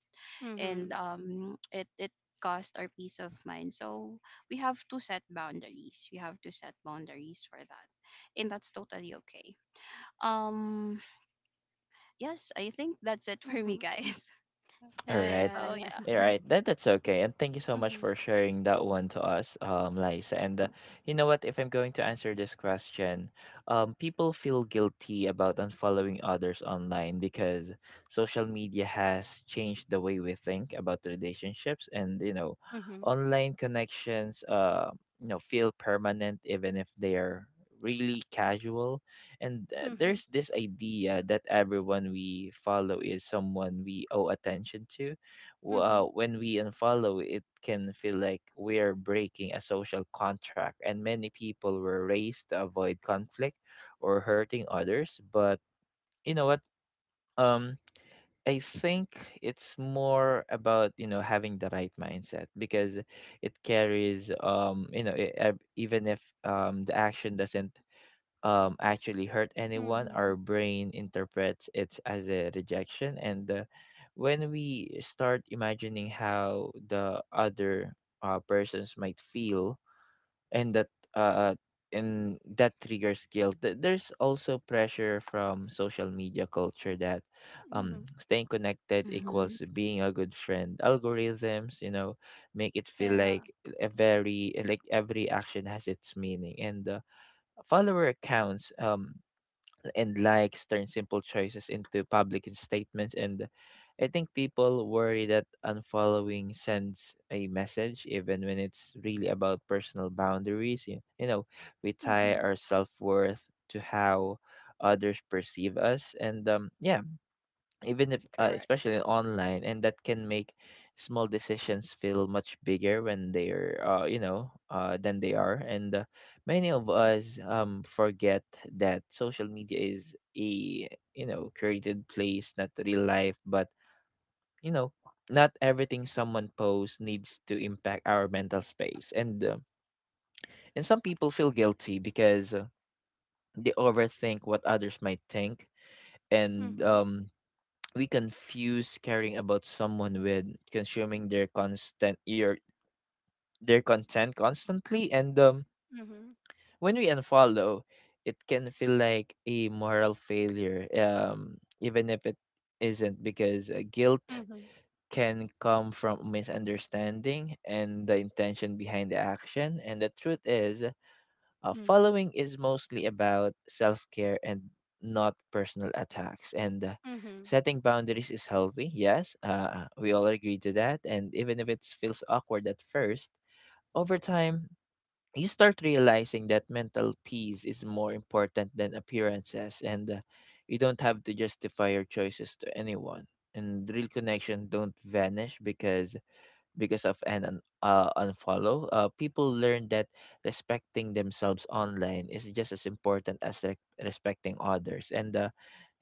S3: and
S2: Mhm.
S3: it cost our peace of mind. So we have to set boundaries. We have to set boundaries for that, and that's totally okay. um yes, I think that's it for me,
S2: Mhm.
S3: guys.
S1: All right.
S2: Yeah,
S3: So
S2: yeah,
S3: yeah.
S1: All
S2: yeah.
S1: right. That's okay. And thank you so much
S2: Mhm.
S1: for sharing that one to us, Liza. And you know what? If I'm going to answer this question, people feel guilty about unfollowing others online because social media has changed the way we think about relationships, and you know,
S2: Mhm.
S1: online connections you know, feel permanent even if they are really casual. And
S2: Mhm.
S1: there's this idea that everyone we follow is someone we owe attention to.
S2: Mhm.
S1: When we unfollow, it can feel like we're breaking a social contract, and many people were raised to avoid conflict or hurting others. But you know what, um I think it's more about, you know, having the right mindset because it carries, you know, even if the action doesn't actually hurt anyone, our
S2: Mhm.
S1: brain interprets it as a rejection. And when we start imagining how the other persons might feel, and that uh, and that triggers guilt. There's also pressure from social media culture that
S2: Mhm.
S1: staying connected
S3: Hmm.
S1: equals being a good friend. Algorithms, you know, make it feel
S2: Yeah.
S1: like a very like every action has its meaning, and follower accounts and likes turn simple choices into public statements. And I think people worry that unfollowing sends a message even when it's really about personal boundaries. You know, we tie
S2: Mhm.
S1: our self-worth to how others perceive us, and yeah, even if
S2: Correct.
S1: especially online, and that can make small decisions feel much bigger when they're you know than they are. And many of us forget that social media is a, you know, created place, not real life. But you know, not everything someone posts needs to impact our mental space. And some people feel guilty because they overthink what others might think, and
S2: Mhm.
S1: we confuse caring about someone with consuming their content constantly. And
S2: Mhm.
S1: when we unfollow, it can feel like a moral failure even if it isn't, because guilt
S2: Mhm.
S1: can come from misunderstanding and the intention behind the action. And the truth is,
S2: Mhm.
S1: following is mostly about self care and not personal attacks. And
S2: Mhm.
S1: setting boundaries is healthy, yes, we all agree to that. And even if it feels awkward at first, over time, you start realizing that mental peace is more important than appearances, and you don't have to justify your choices to anyone. And real connection don't vanish because of unfollow. People learn that respecting themselves online is just as important as respecting others.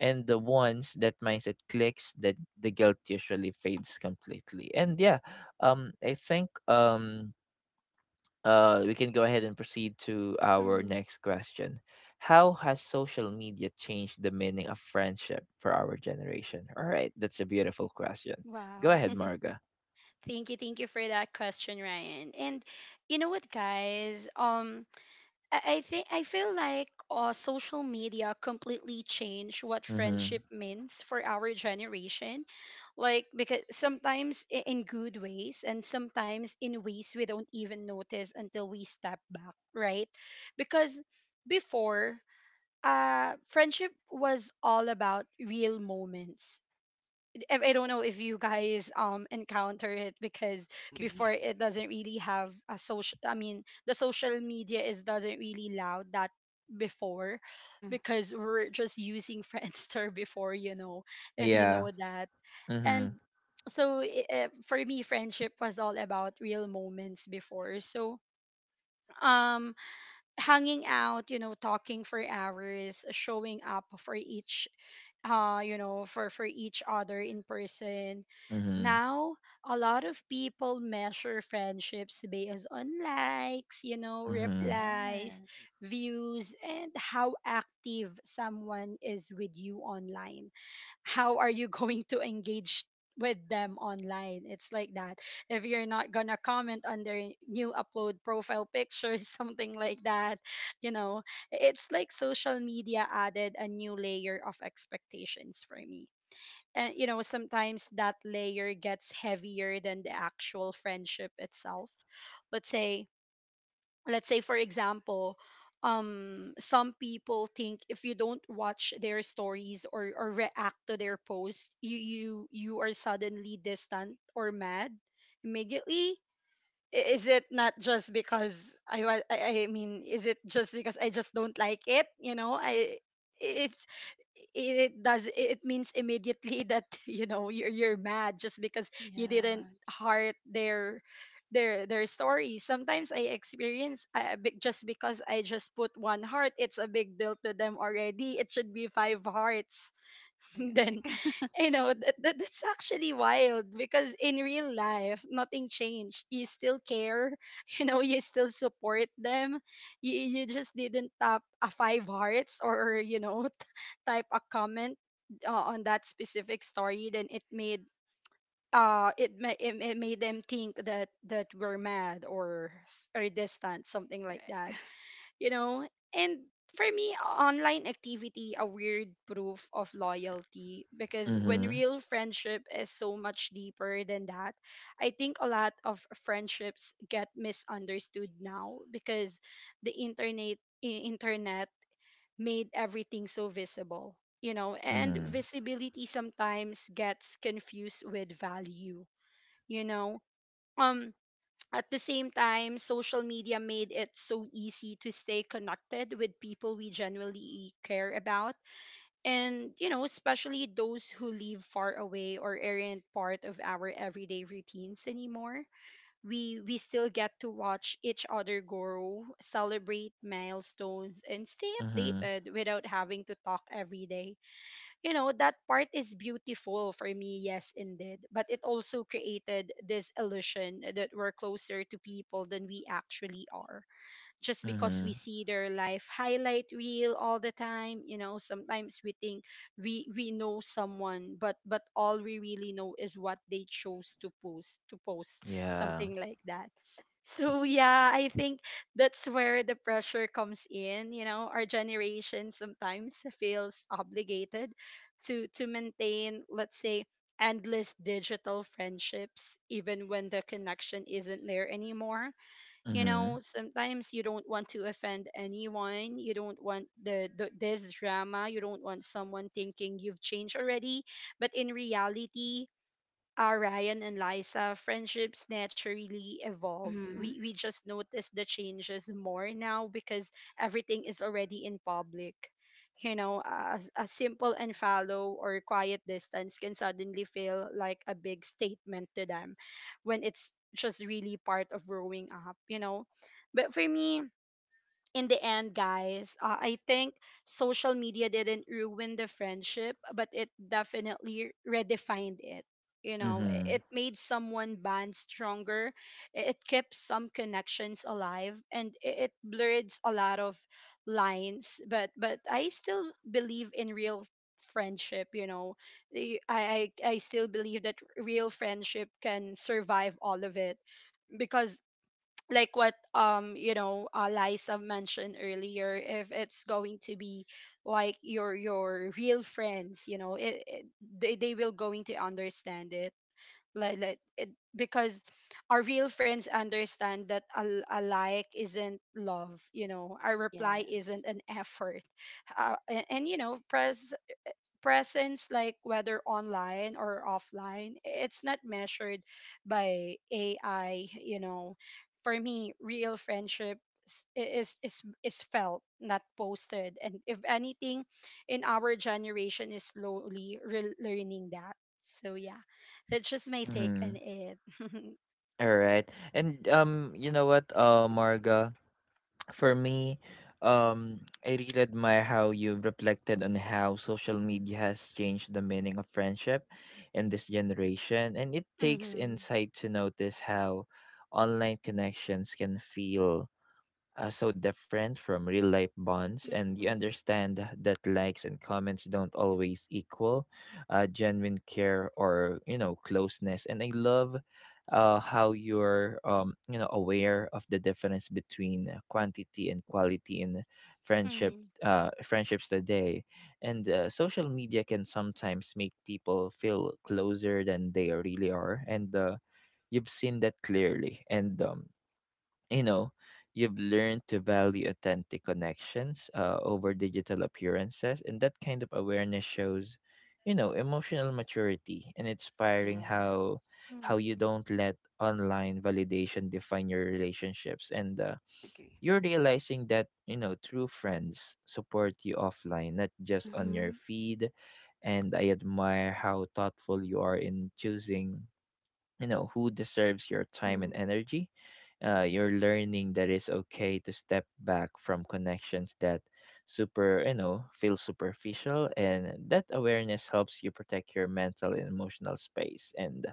S1: And the ones that mindset clicks, that the guilt usually fades completely. And yeah, I think we can go ahead and proceed to our
S2: Mhm.
S1: next question. How has social media changed the meaning of friendship for our generation? All right, that's a beautiful question. Go
S2: Wow.
S1: ahead, Marga.
S2: Thank you for that question, Ryan. And you know what, guys? I think I feel like, social media completely changed what
S1: Mm-hmm.
S2: friendship means for our generation, like, because sometimes in good ways, and sometimes in ways we don't even notice until we step back, right? Because before, friendship was all about real moments. If I don't know if you guys encounter it, because
S3: I agree.
S2: before, it doesn't really have a social, I mean, the social media is doesn't really loud that before,
S3: Mm.
S2: because we're just using Friendster before, you know, if you
S1: Yeah.
S2: know that.
S1: Mhm.
S2: And so, for me, friendship was all about real moments before, so um hanging out, you know, talking for hours, showing up for each you know, for each other in person.
S1: Mhm.
S2: Now a lot of people measure friendships based on likes, you know,
S1: Mhm.
S2: replies,
S3: Yes.
S2: views, and how active someone is with you online, how are you going to engage with them online. It's like that. If you're not gonna comment on their new upload profile pictures, something like that, you know. It's like social media added a new layer of expectations for me, and, you know, sometimes that layer gets heavier than the actual friendship itself. Let's say, for example, some people think if you don't watch their stories or react to their posts, you are suddenly distant or mad immediately. Is it not just because I — I mean, is it just because I just don't like it? You know, I it's it does, it means immediately that, you know, you're mad just because you didn't
S3: Yeah.
S2: heart their story. Sometimes I experience, just because I just put one heart, it's a big deal to them already. It should be five hearts. Then,
S3: Correct.
S2: you know, that's actually wild, because in real life nothing changed. You still care, you know, you still support them. You just didn't tap a five hearts, or, you know, type a comment, on that specific story. Then it made it, ma- it made them think that we're mad or distant, something like
S3: Correct.
S2: that, you know? And for me, online activity a weird proof of loyalty, because when
S1: Mhm.
S2: real friendship is so much deeper than that. I think a lot of friendships get misunderstood now because the internet made everything so visible. You know, and
S1: Mhm.
S2: visibility sometimes gets confused with value, you know. Um at the same time, social media made it so easy to stay connected with people we genuinely care about. And, you know, especially those who live far away or aren't part of our everyday routines anymore. We still get to watch each other grow, celebrate milestones, and stay
S1: Mhm.
S2: updated without having to talk every day. You know, that part is beautiful for me, yes indeed. But it also created this illusion that we're closer to people than we actually are, just because
S1: Mhm.
S2: we see their life highlight reel all the time. You know, sometimes we think we know someone, but all we really know is what they chose to post,
S1: Yeah.
S2: something like that. So yeah, I think that's where the pressure comes in. You know, our generation sometimes feels obligated to maintain, let's say, endless digital friendships even when the connection isn't there anymore. You know,
S1: Mhm.
S2: sometimes you don't want to offend anyone, you don't want the this drama, you don't want someone thinking you've changed already. But in reality, Ryan and Liza, friendships naturally evolve.
S3: Mm-hmm.
S2: We just notice the changes more now because everything is already in public. You know, a simple and fallow or quiet distance can suddenly feel like a big statement to them, when it's just really part of growing up, you know. But for me, in the end, guys, I think social media didn't ruin the friendship, but it definitely redefined it. You know, i-
S1: Mhm.
S2: it made someone bond stronger. It kept some connections alive, and it blurred a lot of lines. But I still believe in real friendship. You know, I still believe that real friendship can survive all of it, because, like, what, Liza mentioned earlier, if it's going to be like your real friends, you know, they will going to understand it, like it, because our real friends understand that a like isn't love, you know, a reply
S3: Yes.
S2: isn't an effort, and, you know, press presence, like, whether online or offline, it's not measured by ai, you know. For me, real friendship is felt, not posted, and if anything, in our generation is slowly learning that. So yeah, that's just my take on
S1: Mhm.
S2: it.
S1: All right. And you know what, Marga, for me, um, I really admire how you reflected on how social media has changed the meaning of friendship in this generation. And it takes
S2: Mhm.
S1: insight to notice how online connections can feel so different from real life bonds, and you
S2: Mhm.
S1: understand that likes and comments don't always equal genuine care or, you know, closeness. And I love how you're you know, aware of the difference between quantity and quality in friendship.
S2: Mhm.
S1: Friendships today, and social media can sometimes make people feel closer than they really are, and you've seen that clearly. And you know, you've learned to value authentic connections over digital appearances, and that kind of awareness shows, you know, emotional maturity. And inspiring how
S3: Yes.
S1: how you
S2: Mhm.
S1: don't let online validation define your relationships. And
S3: Agree.
S1: you're realizing that, you know, true friends support you offline, not just on
S3: Mm-hmm.
S1: your feed. And I admire how thoughtful you are in choosing, you know, who deserves your time and energy. You're learning that it's okay to step back from connections that super you know feel superficial, and that awareness helps you protect your mental and emotional space. And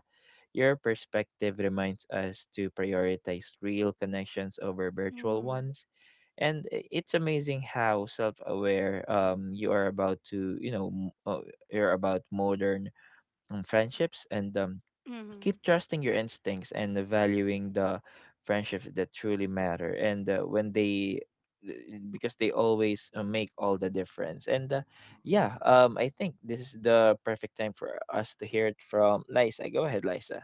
S1: your perspective reminds us to prioritize real connections over virtual
S2: Mhm.
S1: ones. And it's amazing how self-aware you are about to, you know, you're about modern friendships. And
S2: Mhm. Mhm.
S1: keep trusting your instincts and valuing the friendships that truly matter, and when they because they always make all the difference. And yeah, I think this is the perfect time for us to hear it from Lisa. Go ahead, Lisa.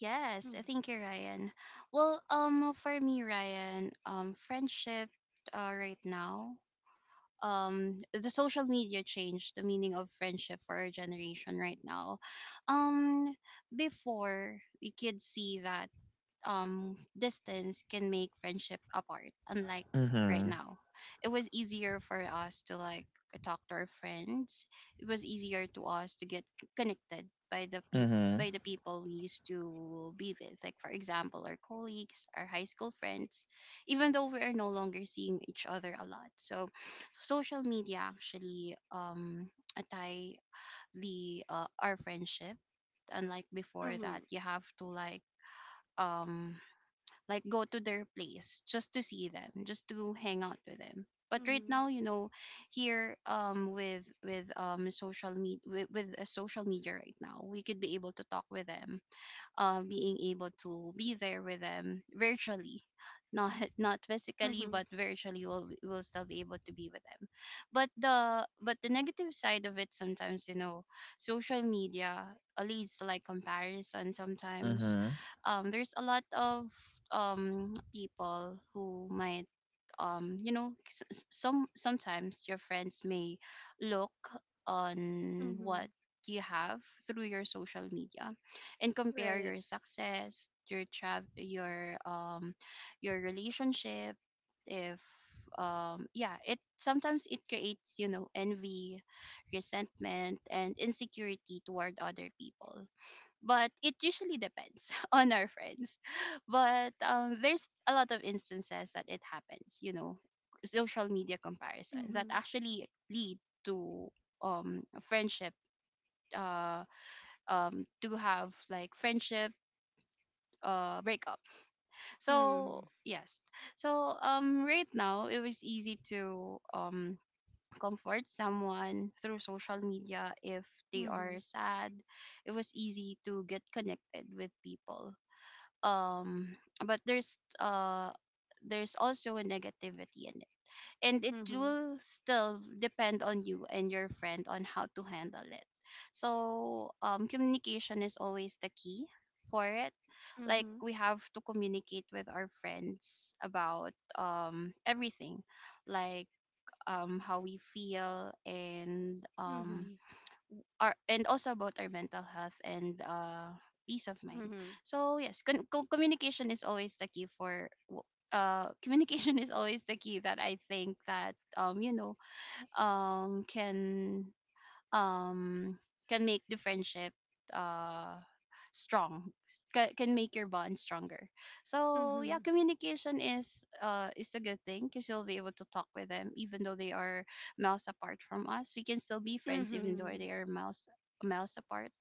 S3: Yes, I think you're right, Ryan. Well, for me, Ryan, friendship, right now, the social media changed the meaning of friendship for our generation right now. Um, Before, we could see that distance can make friendship apart, unlike right
S1: Mm-hmm.
S3: now. It was easier for us to like talk to our friends. It was easier to us to get connected by the people,
S1: Mm-hmm.
S3: we used to be with, like for example our colleagues, our high school friends, even though we are no longer seeing each other a lot. So social media actually tie the, our friendship, unlike
S2: Mhm.
S3: before, that
S2: Mhm.
S3: you have to um like go to their place just to see them, just to hang out with them. But right now, you know, here with social media, with a social media right now, we could be able to talk with them, being able to be there with them virtually, not not physically,
S2: Mhm.
S3: but virtually, we'll will still be able to be with them. But the, negative side of it sometimes, you know, social media, leads to like comparison sometimes.
S1: Mm-hmm.
S3: There's a lot of people who might, you know, sometimes your friends may look on what
S2: Mhm.
S3: you have through your social media and compare
S2: Right.
S3: your success, your travel, your, your relationship. If, yeah, it sometimes, it creates, you know, envy, resentment, and insecurity toward other people. But it usually depends on our friends. But there's a lot of instances that it happens. You know, social media comparisons that
S2: Mhm.
S3: actually lead to friendship, uh to have like friendship breakup. So
S2: Mhm.
S3: yes, so right now it was easy to comfort someone through social media if they are
S2: Mhm.
S3: sad. It was easy to get connected with people, um but there's, there's also a negativity in it, and it
S2: Mhm.
S3: will still depend on you and your friend on how to handle it. So communication is always the key for it, like
S2: Mhm.
S3: we have to communicate with our friends about everything, like how we feel, and
S2: Mhm.
S3: our, and also about our mental health and peace of mind.
S2: Mhm.
S3: So yes, communication is always the key for, communication is always the key, that I think that you know, can, um can make the friendship uh strong, can make your bond stronger. So yeah,
S2: Mhm.
S3: communication is, is a good thing, because you'll be able to talk with them even though they are miles apart from us. We can still be friends even though they
S2: Mhm.
S3: are miles apart.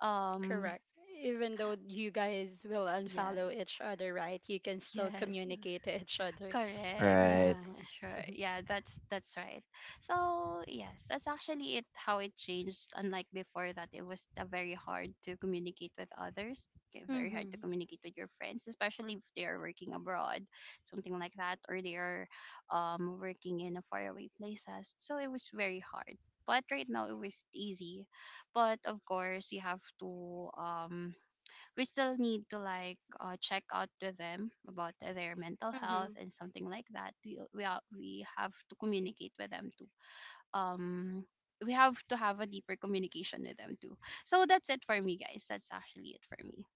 S3: um
S2: Correct. Even though you guys will unfollow
S3: yes,
S2: each other, right? You can still
S3: yes.
S2: communicate to each other.
S3: Correct.
S1: Right.
S2: Yeah.
S3: Sure. Yeah, that's right. So yes, that's actually it, how it changed. Unlike before, that it was, very hard to communicate with others. Okay. Very hard to
S2: Mhm.
S3: communicate with your friends, especially if they are working abroad, something like that, or they are working in a faraway places. So it was very hard. But right now, it was easy. But of course, you have to, um we still need to like, check out with them about their mental health
S2: Mhm.
S3: and something like that. We, are, we have to communicate with them too. um we have to have a deeper communication with them too. So that's it for me, guys. That's actually it for me.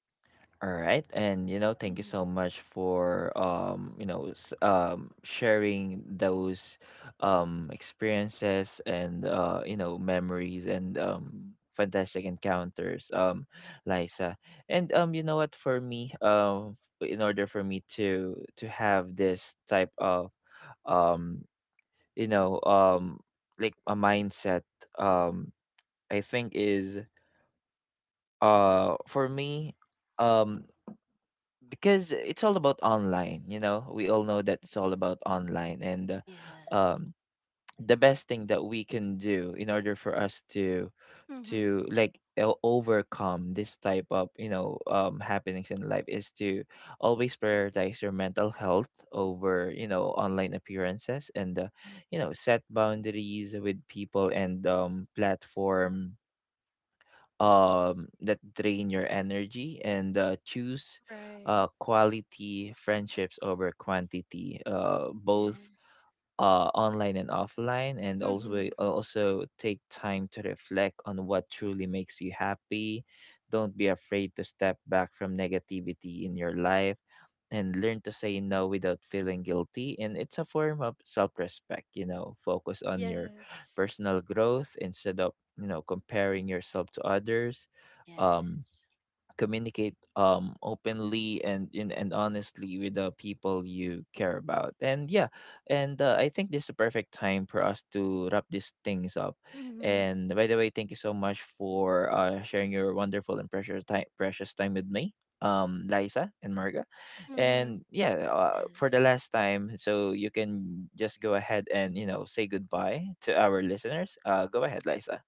S1: All right, and you know, thank you
S2: Mhm.
S1: so much for you know, sharing those experiences and you know, memories, and fantastic encounters, Liza. And you know what, for me, in order for me to have this type of um, you know, like a mindset, um, I think is for me. Um, because it's all about online. You know, we all know that it's all about online, and uh,
S3: Yes,
S1: um the best thing that we can do in order for us to
S2: Mhm.
S1: to like overcome this type of, you know, happenings in life is to always prioritize your mental health over, you know, online appearances. And you know, set boundaries with people and platform that drain your energy, and choose
S2: Right.
S1: quality friendships over quantity. Both
S3: yes,
S1: online and offline. And also,
S2: Mhm.
S1: also take time to reflect on what truly makes you happy. Don't be afraid to step back from negativity in your life, and learn to say no without feeling guilty. And it's a form of self respect. You know, focus on your
S2: Yes.
S1: personal growth instead of, you know, comparing yourself to others. Um,
S3: yes,
S1: Communicate openly and honestly with the people you care about. And yeah, and I think this is the perfect time for us to wrap these things up.
S2: Mhm.
S1: And by the way, thank you so much for sharing your wonderful and precious time with me, Liza and Marga.
S2: Mhm.
S1: And yeah, for the
S3: yes.
S1: last time, so you can just go ahead and, you know, say goodbye to our listeners. Go ahead, Liza.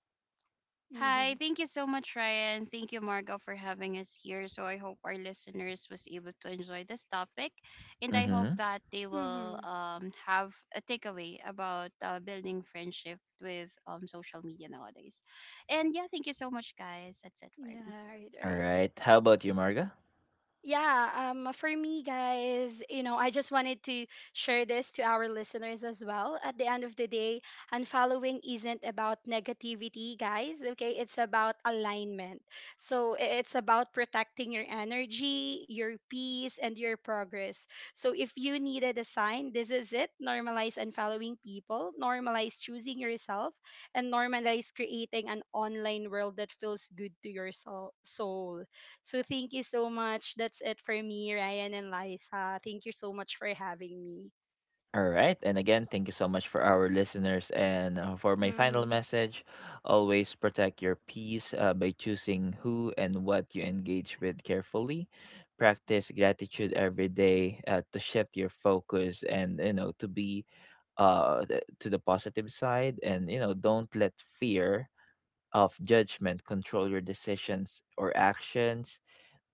S3: Hi,
S2: Mhm.
S3: thank you so much, Ryan. Thank you, Margo, for having us here. So I hope our listeners was able to enjoy this topic, and I hope
S1: Mm-hmm.
S3: that they will
S2: Mhm.
S3: have a takeaway about, building friendship with, social media nowadays. And yeah, thank you so much, guys. That's it for
S2: Yeah,
S3: me.
S2: right,
S1: All
S2: right.
S1: right, how about you, Marga?
S2: Yeah, for me, guys, I just wanted to share this to our listeners as well. At the end of the day, unfollowing isn't about negativity, guys, okay? It's about alignment. So it's about protecting your energy, your peace, and your progress. So if you needed a sign, this is it. Normalize unfollowing people, normalize choosing yourself, and normalize creating an online world that feels good to your soul. So thank you so much. That's it for me, Ryan and Liza. Thank you so much for having me.
S1: All right. And again, thank you so much for our listeners. And for my final
S2: Hmm.
S1: message, always protect your peace by choosing who and what you engage with carefully. Practice gratitude every day to shift your focus and, you know, to be to the positive side. And, you know, don't let fear of judgment control your decisions or actions.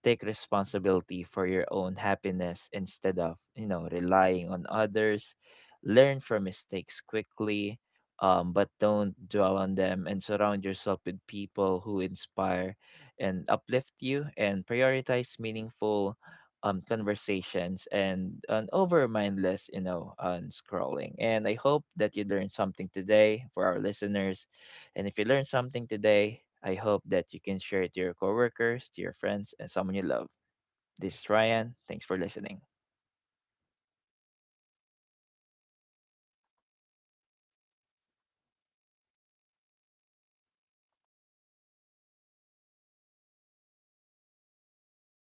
S1: Take responsibility for your own happiness instead of, you know, relying on others. Learn from mistakes quickly, but don't dwell on them. And surround yourself with people who inspire and uplift you, and prioritize meaningful conversations and an over mindless, you know, on scrolling. And I hope that you learned something today for our listeners, and if you learned something today, I hope that you can share it to your coworkers, to your friends, and someone you love. This is Ryan. Thanks for listening.